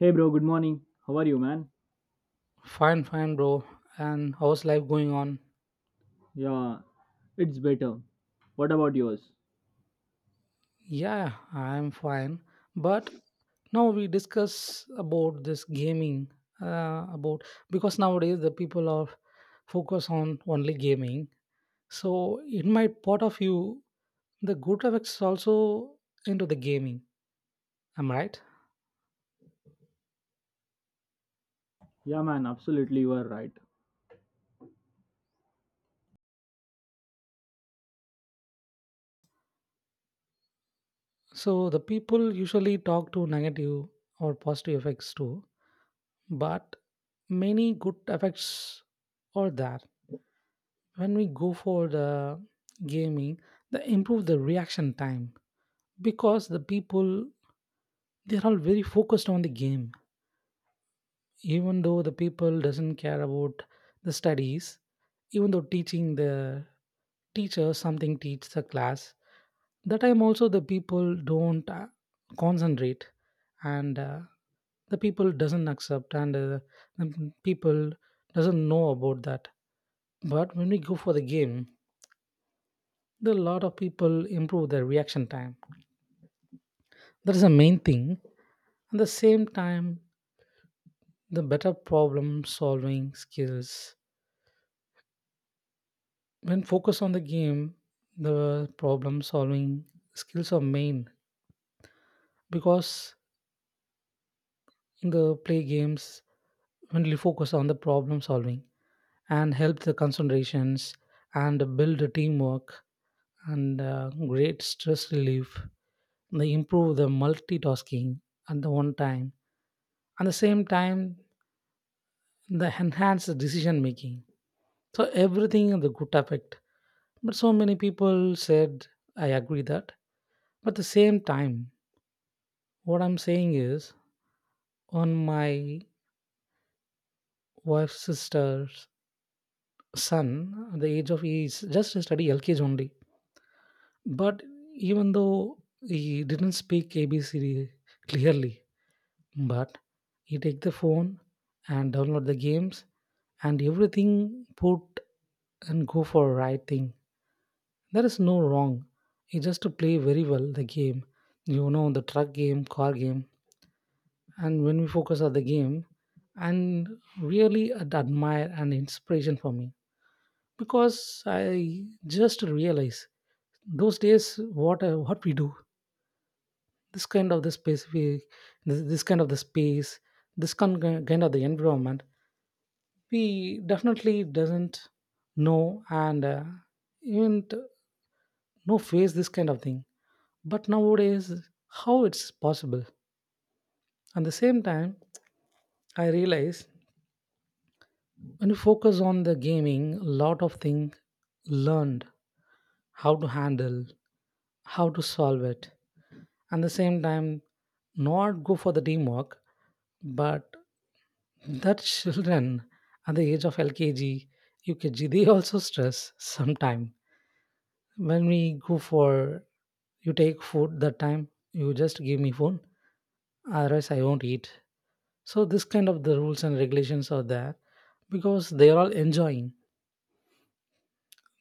Hey bro, good morning. How are you, man? Fine, fine, bro. And how's life going on? Yeah, it's better. What about yours? Yeah, I'm fine. But now we discuss about this gaming. About because nowadays the people are focused on only gaming. So in my point of view, the good effects is also into the gaming. Am I right? Yeah, man, absolutely, you are right. So the people usually talk to negative or positive effects too, but many good effects are there when we go for the gaming. They improve the reaction time because the people, they're all very focused on the game. Even though the people doesn't care about the studies, even though teaching the teacher something teach the class, that time also the people don't concentrate, and the people doesn't accept, and the people doesn't know about that. But when we go for the game, the lot of people improve their reaction time. That is the main thing. At the same time, the better problem solving skills when focused on the game, the problem solving skills are main, because in the play games, when you focus on the problem solving and help the concentrations and build the teamwork, and great stress relief, they improve the multitasking at the one time. At the same time, the enhanced decision making, so everything in the good effect. But so many people said, I agree that, but at the same time what I'm saying is, on my wife's sister's son at the age of he is just study LKG only. But even though he didn't speak ABCD clearly, but he take the phone and download the games and everything put and go for right thing. There is no wrong. You just to play very well the game. You know the truck game, car game, and when we focus on the game, and really admire and inspiration for me, because I just realize those days what I, what we do, this kind of the space we, this kind of the space, this kind of the environment, we definitely doesn't know and even t- no face this kind of thing. But nowadays, how it's possible? At the same time, I realize when you focus on the gaming, a lot of things learned, how to handle, how to solve it. At the same time, not go for the teamwork, but that children at the age of LKG, UKG, they also stress sometime. When we go for you take food that time, you just give me phone, otherwise I won't eat. So this kind of the rules and regulations are there, because they are all enjoying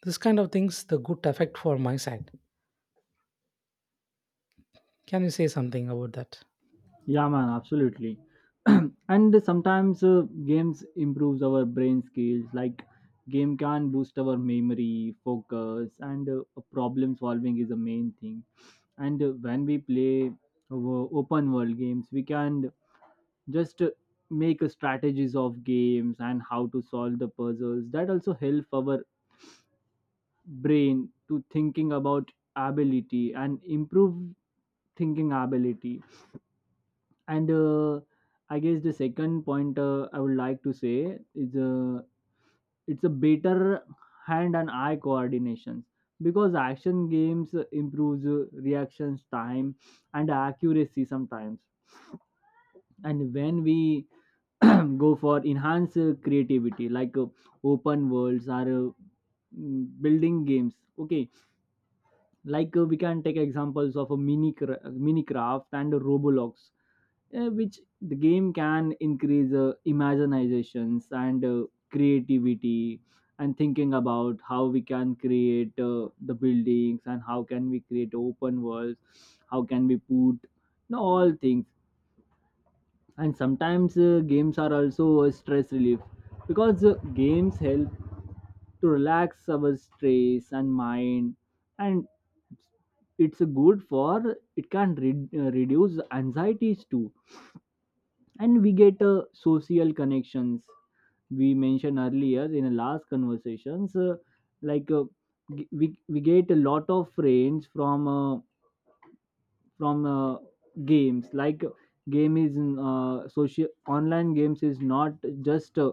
this kind of things. The good effect for my side, can you say something about that? Yeah, man, absolutely. And sometimes games improves our brain skills. Like game can boost our memory, focus, and problem solving is the main thing. And when we play our open world games, we can just make a strategies of games and how to solve the puzzles. That also help our brain to thinking about ability and improve thinking ability and I guess the second point I would like to say is it's a better hand and eye coordination because action games improves reactions time and accuracy sometimes, and when we go for enhanced creativity like open worlds or building games. Okay, like we can take examples of a mini craft and a Roblox, which the game can increase imaginations and creativity, and thinking about how we can create the buildings, and how can we create open worlds, how can we put, you know, all things. And sometimes games are also a stress relief, because games help to relax our stress and mind, and it's good for, it can reduce anxieties too. And we get social connections, we mentioned earlier in the last conversations. Like we get a lot of friends from from uh, games. Like game is, social online games is not just a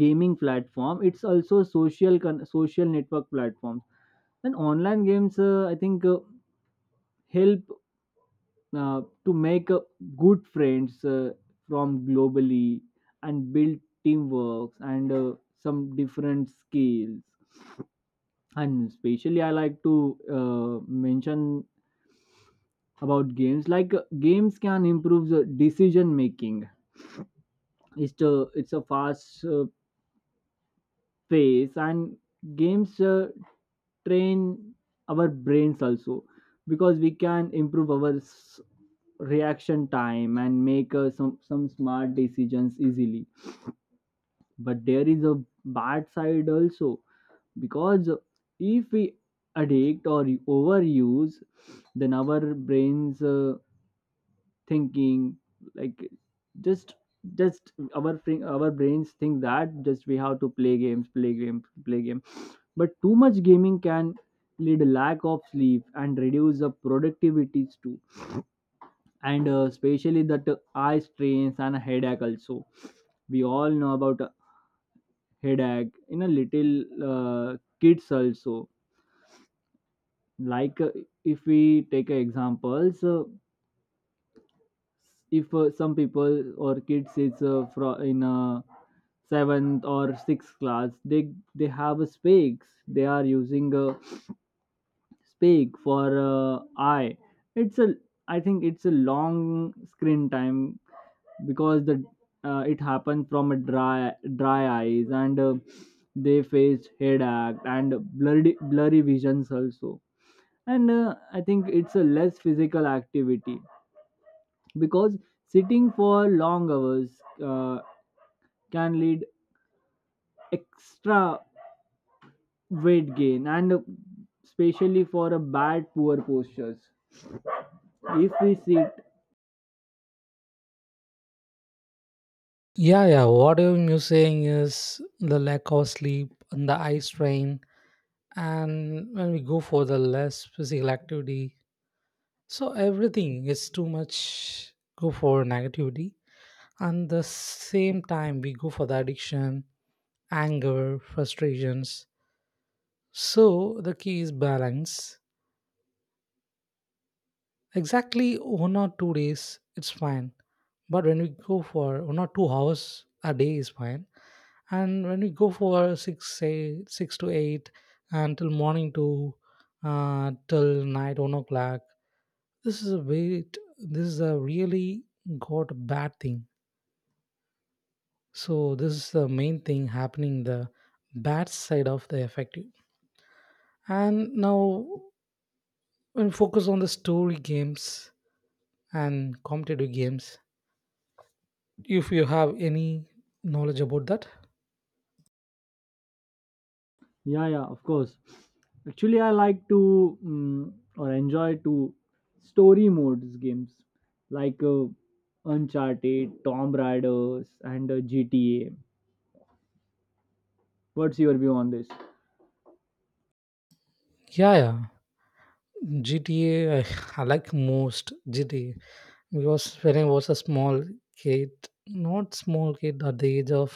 gaming platform, it's also social network platforms. And online games, I think, help to make good friends from globally, and build teamwork, and some different skills. And especially I like to uh, mention about games. Like games can improve the decision making. It's a fast pace, and games train our brains also, because we can improve our reaction time and make some smart decisions easily. But there is a bad side also, because if we addict or overuse, then our brains, thinking, like, just just our our brains think that just we have to play games, play games, play game. But too much gaming can lead a lack of sleep and reduce the productivities too. And especially that eye strains and headache also. We all know about headache in a little kids also. Like if we take examples, if some people or kids is from in seventh or sixth class, they have a specs, they are using a speak for, I it's a, I think it's a long screen time, because the it happened from a dry eyes. And they faced headache and blurry visions also. And I think it's a less physical activity, because sitting for long hours can lead extra weight gain, and especially for a bad poor postures if we sit. Yeah, what I'm you saying is the lack of sleep and the eye strain. And when we go for the less physical activity, so everything is too much, go for negativity. And the same time we go for the addiction, anger, frustrations. So the key is balance. Exactly 1 or 2 days, it's fine. But when we go for 1 or 2 hours a day is fine. And when we go for six, say six to eight, until morning to till night 1 o'clock, this is a wait. This is a really got bad thing. So this is the main thing happening, the bad side of the effective. And now when focus on the story games and competitive games, if you have any knowledge about that. Yeah, yeah, of course. Actually, I like to or enjoy to story modes games, like Uncharted, Tomb Raiders, and GTA. What's your view on this? Yeah, GTA, I, I like most GTA, because when I was a small kid, not small kid, at the age of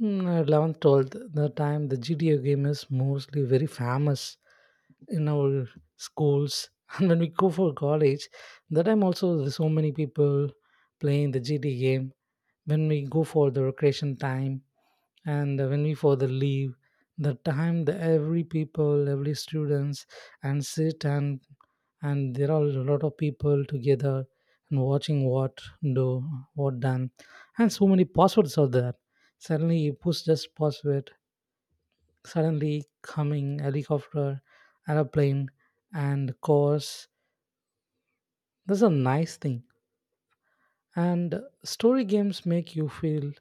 11 12, the time the GTA game is mostly very famous in our schools and when we go for college, that time also there's so many people playing the GTA game when we go for the recreation time. And when we further leave the time, the every people, every students, and sit and there are a lot of people together and watching what do, what done. And so many passwords are there, suddenly you push just password, suddenly coming helicopter, airplane, and cars. That's a nice thing. And story games make you feel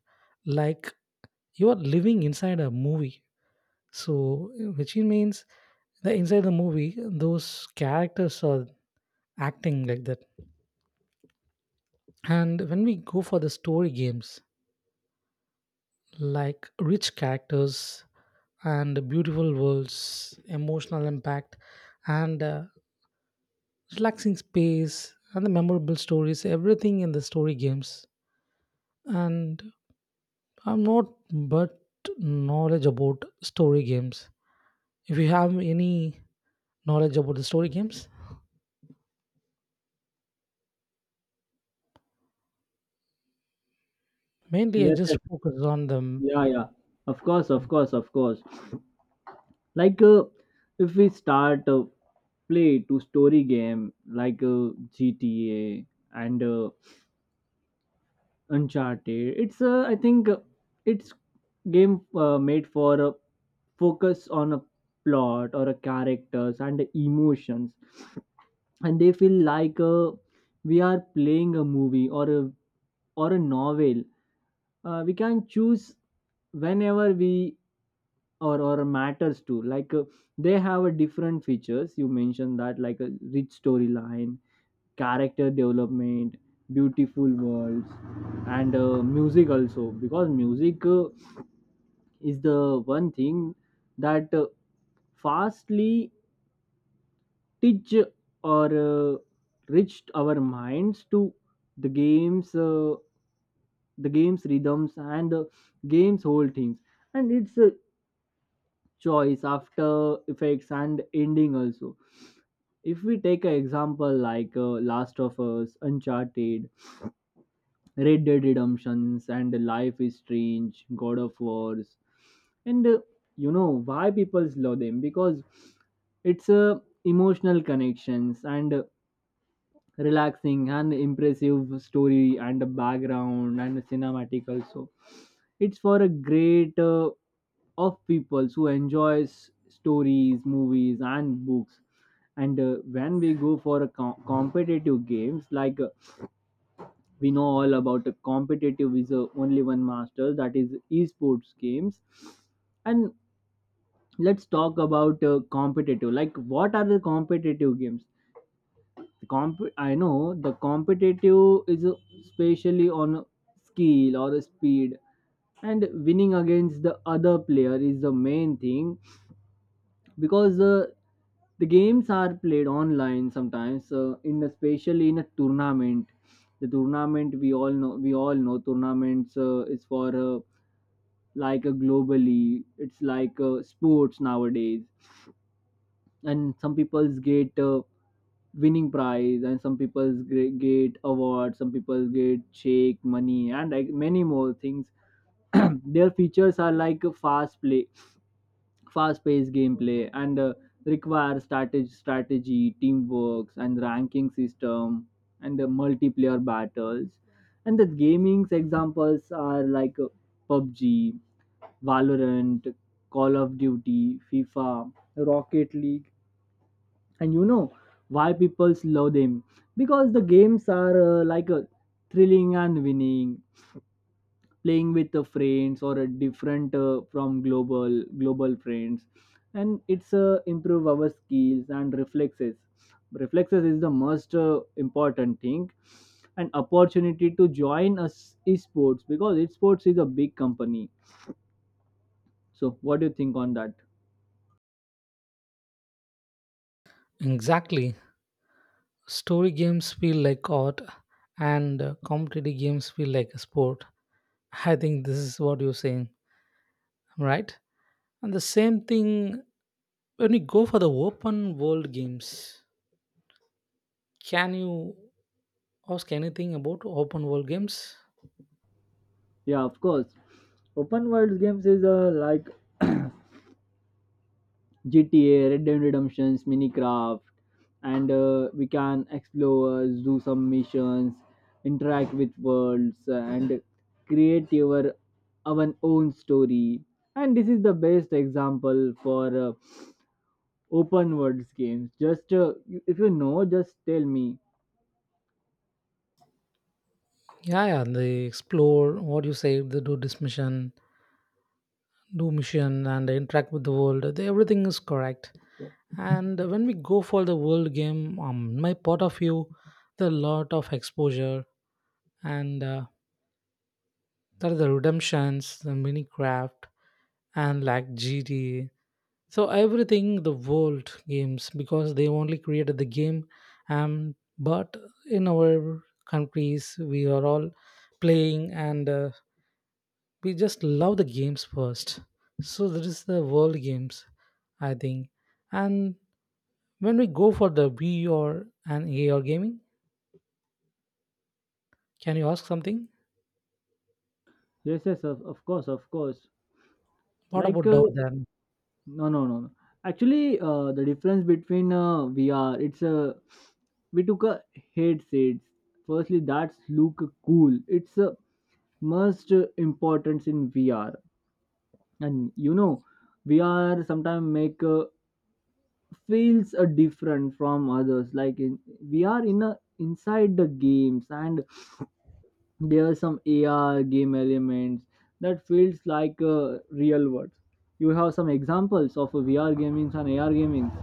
like you are living inside a movie. So, which it means the inside the movie, those characters are acting like that. And when we go for the story games, like rich characters and beautiful worlds, emotional impact, and relaxing space, and the memorable stories, everything in the story games. And I'm not but knowledge about story games. If you have any knowledge about the story games, mainly I Yes, yes. just focus on them. Yeah, yeah. Of course. Like if we start a play to story game, like GTA and Uncharted, it's I think it's game made for a focus on a plot or a characters and emotions. And they feel like we are playing a movie, or a, or a novel. We can choose whenever we, or matters to. Like they have a different features, you mentioned that, like a rich storyline, character development, beautiful worlds, and music also, because music is the one thing that fastly teach or reached our minds to the games, the game's rhythms, and the game's whole themes, and its a choice after effects and ending also. If we take an example like Last of Us, Uncharted, Red Dead Redemptions, and Life is Strange, God of Wars. And you know why people love them, because it's a emotional connections, and relaxing and impressive story, and a background, and a cinematic also. It's for a great, of people who enjoys stories, movies, and books. And when we go for a competitive games, like we know all about a competitive is only one master, that is esports games. And let's talk about competitive, like what are the competitive games. I know the competitive is especially on skill or speed, and winning against the other player is the main thing. Because the games are played online sometimes, in especially in a tournament. The tournament we all know tournaments is for like a globally, it's like sports nowadays. And some people's get winning prize, and some people's get awards, some people get shake money and like many more things. Their features are like a fast play, fast paced gameplay, and require strategy, teamwork, and ranking system, and multiplayer battles. And the gaming's examples are like PUBG, Valorant, Call of Duty, FIFA, Rocket League. And you know why people love them, because the games are like a thrilling and winning, playing with the friends or a different from global friends. And it's improve our skills and reflexes. Reflexes is the most important thing, an opportunity to join us esports, because esports is a big company. So what do you think on that? Exactly. Story games feel like art and competitive games feel like a sport. I think this is what you're saying, right? And the same thing when we go for the open world games. Can you ask anything about open world games? Yeah, of course. Open world games is like GTA, Red Dead Redemptions, Minecraft, and we can explore, do some missions, interact with worlds, and create your our own story. And this is the best example for open worlds games. Just if you know, just tell me. Yeah, yeah, they explore what you say, they do this mission, do mission, and they interact with the world. They, everything is correct. And when we go for the world game, my part of view, the lot of exposure and that is the redemptions, the Minecraft, and like GTA. So everything the world games, because they only created the game. um but in our countries we are all playing, and we just love the games first. So that is the world games I think. And when we go for the Wii or an AR gaming, can you ask something? Yes, yes, of course, of course. What Like about doubt then? no, no, no, no. Actually, the difference between VR, it's a, we took a headsets firstly, that's look cool. It's a must importance in VR. And you know, VR sometimes make feels different from others, like in, we are in a inside the games. And there are some AR game elements that feels like real world. You have some examples of VR gamings and AR gamings?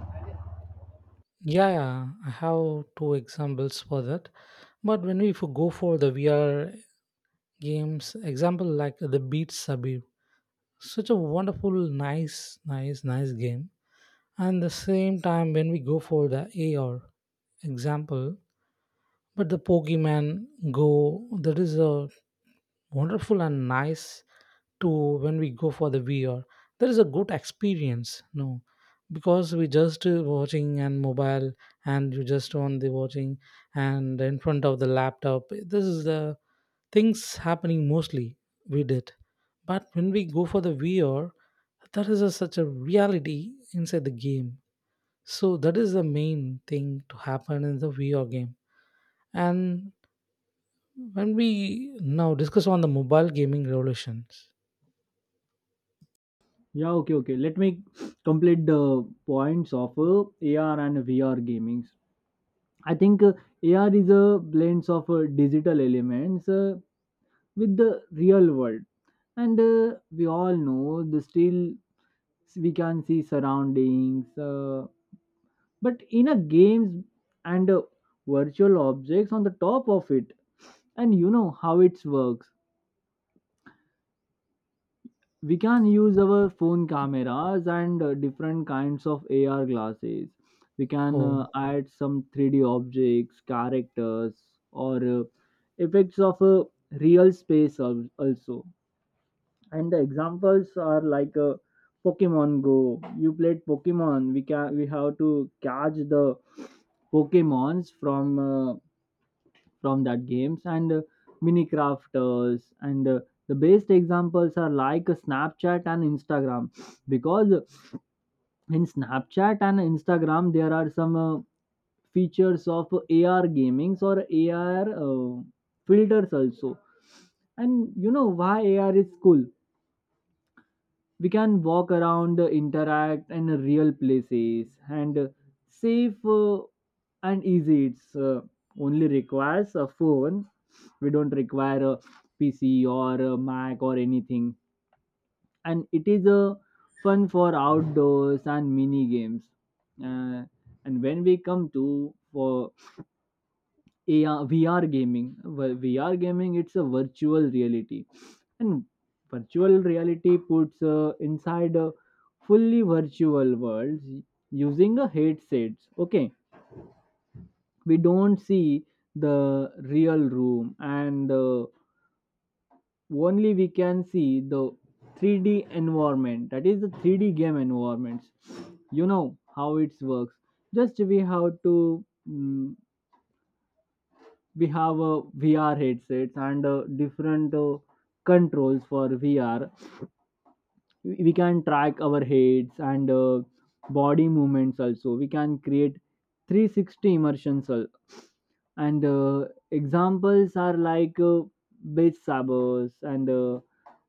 Yeah, yeah, I have two examples for that. But when we if we go for the VR games, example like the Beat Sabir, such a wonderful, nice, nice, nice game. And the same time, when we go for the AR example, but the Pokemon Go, that is a wonderful and nice to when we go for the VR. That is a good experience, no, because we just watching and mobile, and you just on the watching and in front of the laptop. This is the things happening mostly we did. But when we go for the VR, that is a, such a reality inside the game. So that is the main thing to happen in the VR game. And when we now discuss on the mobile gaming revolutions. Yeah, okay, okay. Let me complete the points of AR and VR gamings. I think AR is a blends of digital elements with the real world. And we all know, the still we can see surroundings, but in a games, and virtual objects on the top of it. And you know how it works, we can use our phone cameras and different kinds of AR glasses. We can Oh. Add some 3D objects, characters, or effects of a real space also. And the examples are like Pokemon Go. You played Pokemon. We have to catch the Pokemons from that games, and mini crafters. And the best examples are like Snapchat and Instagram, because in Snapchat and Instagram there are some features of AR gamings, or AR filters also. And you know why AR is cool, we can walk around, interact in real places, and safe and easy. It's only requires a phone, we don't require a PC or a Mac or anything. And it is fun for outdoors and mini games. uh, and when we come to for AR, VR gaming. Well, VR gaming, it's a virtual reality. And virtual reality puts inside a fully virtual world using a headsets. Okay, we don't see the real room, and only we can see the 3D environment. That is the 3D game environments. You know how it works. Just we have to we have VR headsets and different controls for VR. We can track our heads, and body movements also. We can create 360 immersions and examples are like Beat Sabers and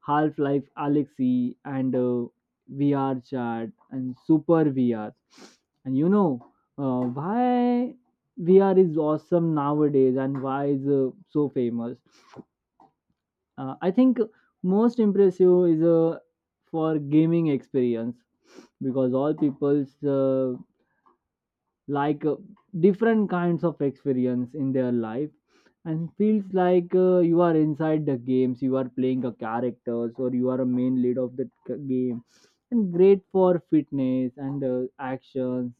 Half Life Alexi, and VR Chat and Super VR. And you know why VR is awesome nowadays, and why is so famous. I think most impressive is for gaming experience, because all people's, like different kinds of experience in their life, and feels like you are inside the games, you are playing a characters or you are a main lead of the game. And great for fitness and actions,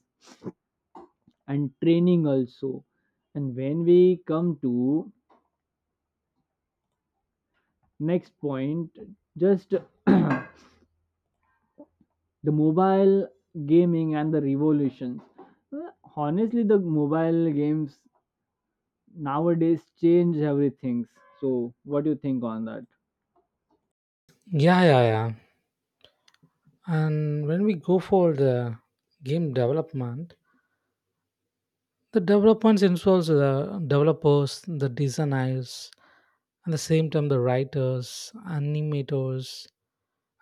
and training also. And when we come to next point, just the mobile gaming and the revolutions. Honestly, the mobile games nowadays change everything. So, what do you think on that? Yeah. And when we go for the game development, the developments involves the developers, the designers, and the same time the writers, animators,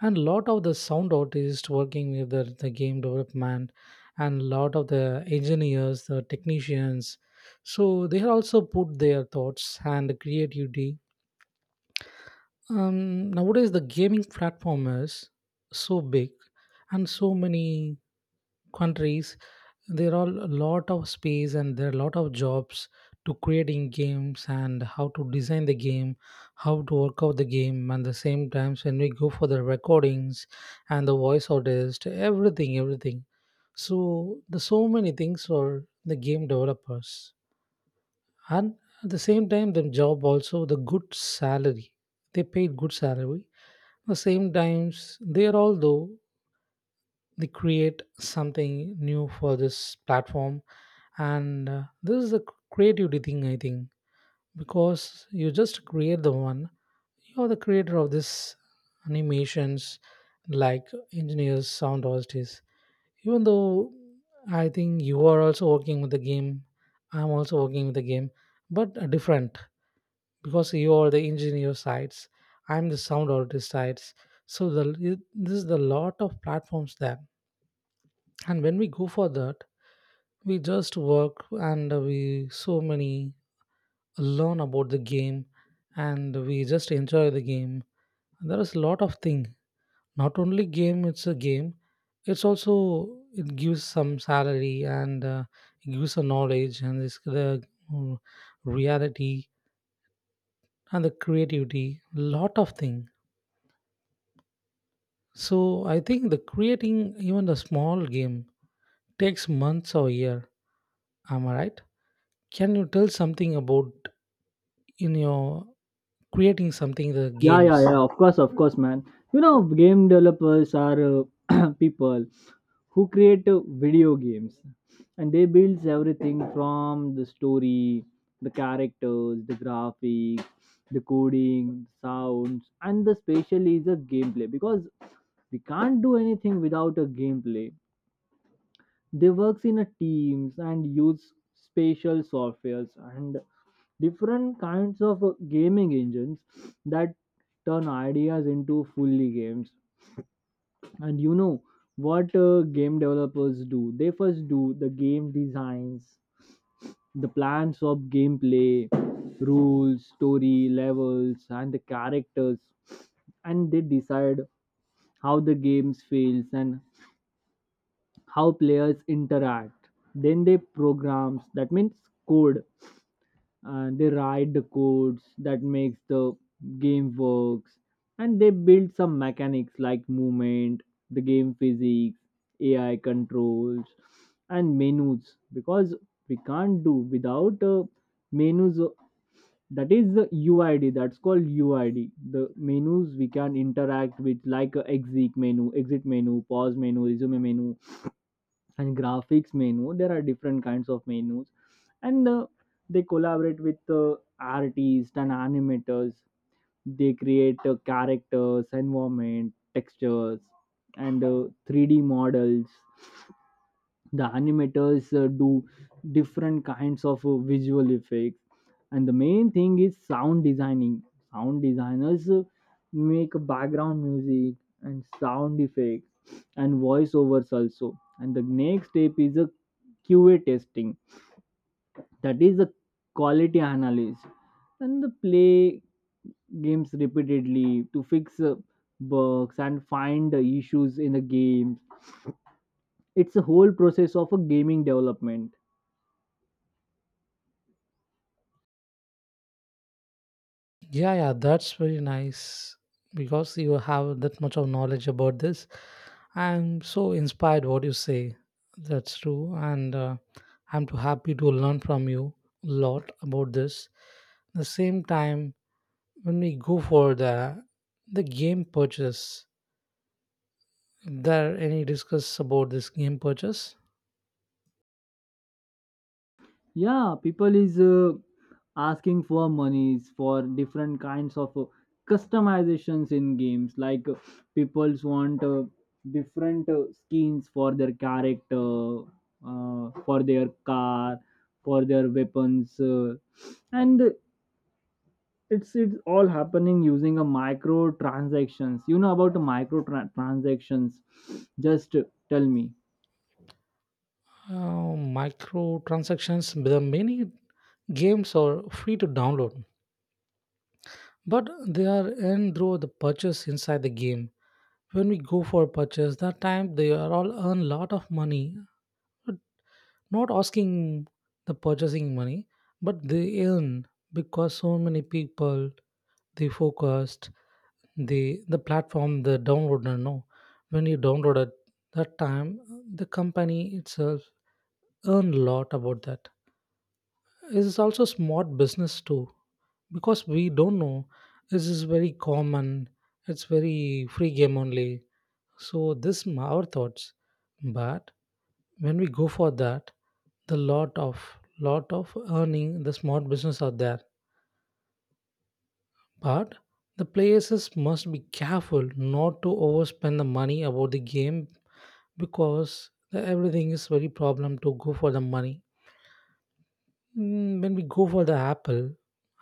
and lot of the sound artists working with the game development, and lot of the engineers, the technicians. So they also put their thoughts and creativity. Nowadays the gaming platform is so big, and so many countries there are a lot of space and there are a lot of jobs to creating games, and how to design the game, how to work out the game. And the same times when we go for the recordings and the voice artist, everything, everything. So the so many things for the game developers. And at the same time, the job also the good salary, they paid good salary. The same times they are all though, they create something new for this platform. And this is a creativity thing I think, because you just create the one, you're the creator of this animations, like engineers, sound artists. Even though, I think you are also working with the game, I'm also working with the game. But different, because you are the engineer sides, I'm the sound artist sides. So the this is the lot of platforms there. And when we go for that, we just work, and we so many learn about the game, and we just enjoy the game. There is a lot of thing. Not only game, it's a game, it's also, it gives some salary, and it gives a knowledge, and this the mm, reality and the creativity, lot of thing. So I think the creating even a small game takes months or year, am I right? Can you tell something about in your creating something the Yeah, yeah, games? yeah. Of course, man. You know, game developers are, people who create video games, and they builds everything from the story, the characters, the graphics, the coding, sounds, and the special is a gameplay, because we can't do anything without a gameplay. They works in a teams and use special softwares, and different kinds of gaming engines that turn ideas into fully games. And you know what game developers do? They first do the game designs, the plans of gameplay, rules, story, levels, and the characters. And they decide how the games feels and how players interact. Then they programs, that means code, and they write the codes that makes the game works. And they build some mechanics like movement, the game physics, AI controls, and menus, because we can't do without menus. That is the UID, that's called UID, the menus we can interact with, like exit menu, pause menu, resume menu, and graphics menu. There are different kinds of menus. And they collaborate with artists and animators, they create characters, environment, textures, and 3D models. The animators do different kinds of visual effects. And the main thing is sound designing. Sound designers make background music and sound effects, and voiceovers also. And the next step is a QA testing, that is the quality analysis, and the play games repeatedly to fix bugs and find the issues in the games. It's a whole process of a gaming development. Yeah, yeah, that's very nice because you have that much of knowledge about this. I'm so inspired what you say. That's true, and I'm too happy to learn from you a lot about this. At the same time, when we go for the game purchase, there any discuss about this game purchase? Yeah, people is asking for monies for different kinds of customizations in games. Like people's want different skins for their character, for their car, for their weapons, and it's all happening using a micro transactions. You know about transactions? Just tell me. uh, Microtransactions. There are many games are free to download, but they are in through the purchase inside the game. When we go for purchase that time they are all earn lot of money. But not asking the purchasing money, but they earn, because so many people, they focused the the platform, the downloader, no, when you download at that time, the company itself earn lot about that. It is also smart business too, because we don't know, this is very common, it's very free game only. So this our thoughts. But when we go for that, the lot of earning the small business are there. But the places must be careful not to overspend the money about the game, because everything is very problem to go for the money. Mm, when we go for the Apple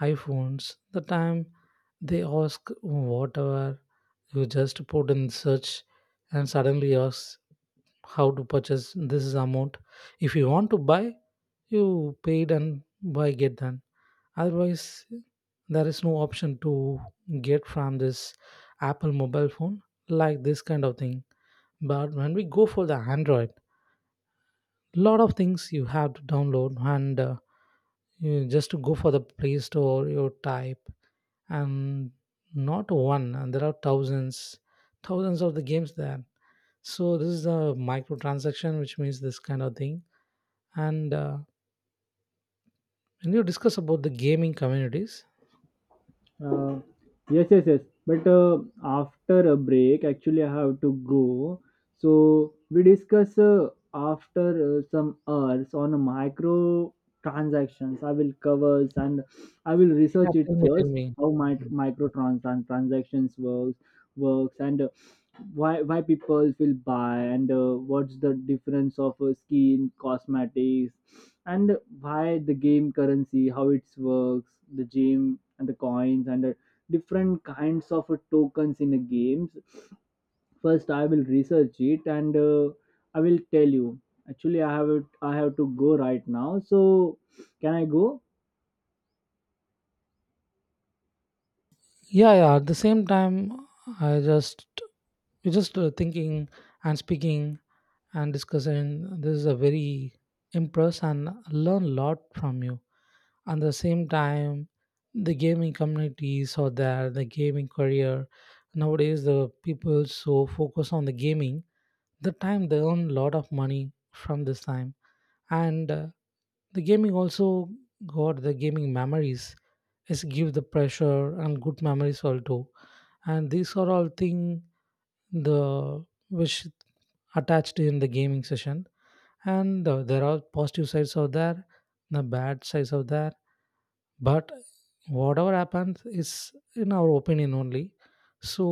iPhones, the time they ask whatever you just put in search, and suddenly asks how to purchase this amount, if you want to buy, you paid and buy get done. Otherwise, there is no option to get from this Apple mobile phone, like this kind of thing. But when we go for the Android, lot of things you have to download, and you just to go for the Play Store, you type. And not one, and there are thousands, thousands of the games there. So this is a microtransaction, which means this kind of thing. And when you discuss about the gaming communities, Uh, yes, yes, yes. But after a break, actually, I have to go. So we discuss after some hours on a micro transactions. I will covers, and I will yeah, research it tell me, tell first, me. how my Mm. Transactions works. Works. And why people will buy, and what's the difference of skin cosmetics, and why the game currency, how it works, the gem and the coins, and the different kinds of tokens in the games. First I will research it, and I will tell you. Actually I have to go right now, so can I go? Yeah, yeah. At the same time, I just we just thinking and speaking and discussing. This is a very impress and learn a lot from you. At the same time, the gaming communities or there, the gaming career. Nowadays, the people so focus on the gaming. The time they earn a lot of money from this time, and the gaming also got the gaming memories, is give the pressure and good memories also. And these are all thing, the which attached in the gaming session. And there are positive sides of there, the bad sides of there. But whatever happens is in our opinion only. So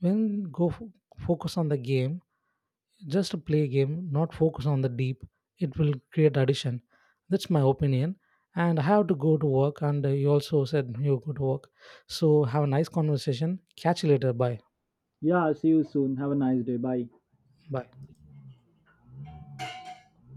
when go focus on the game, just a play game, not focus on the deep, it will create addition. That's my opinion. And I have to go to work, and you also said you go to work. So have a nice conversation. Catch you later. Bye. Yeah, see you soon, have a nice day, bye. Bye.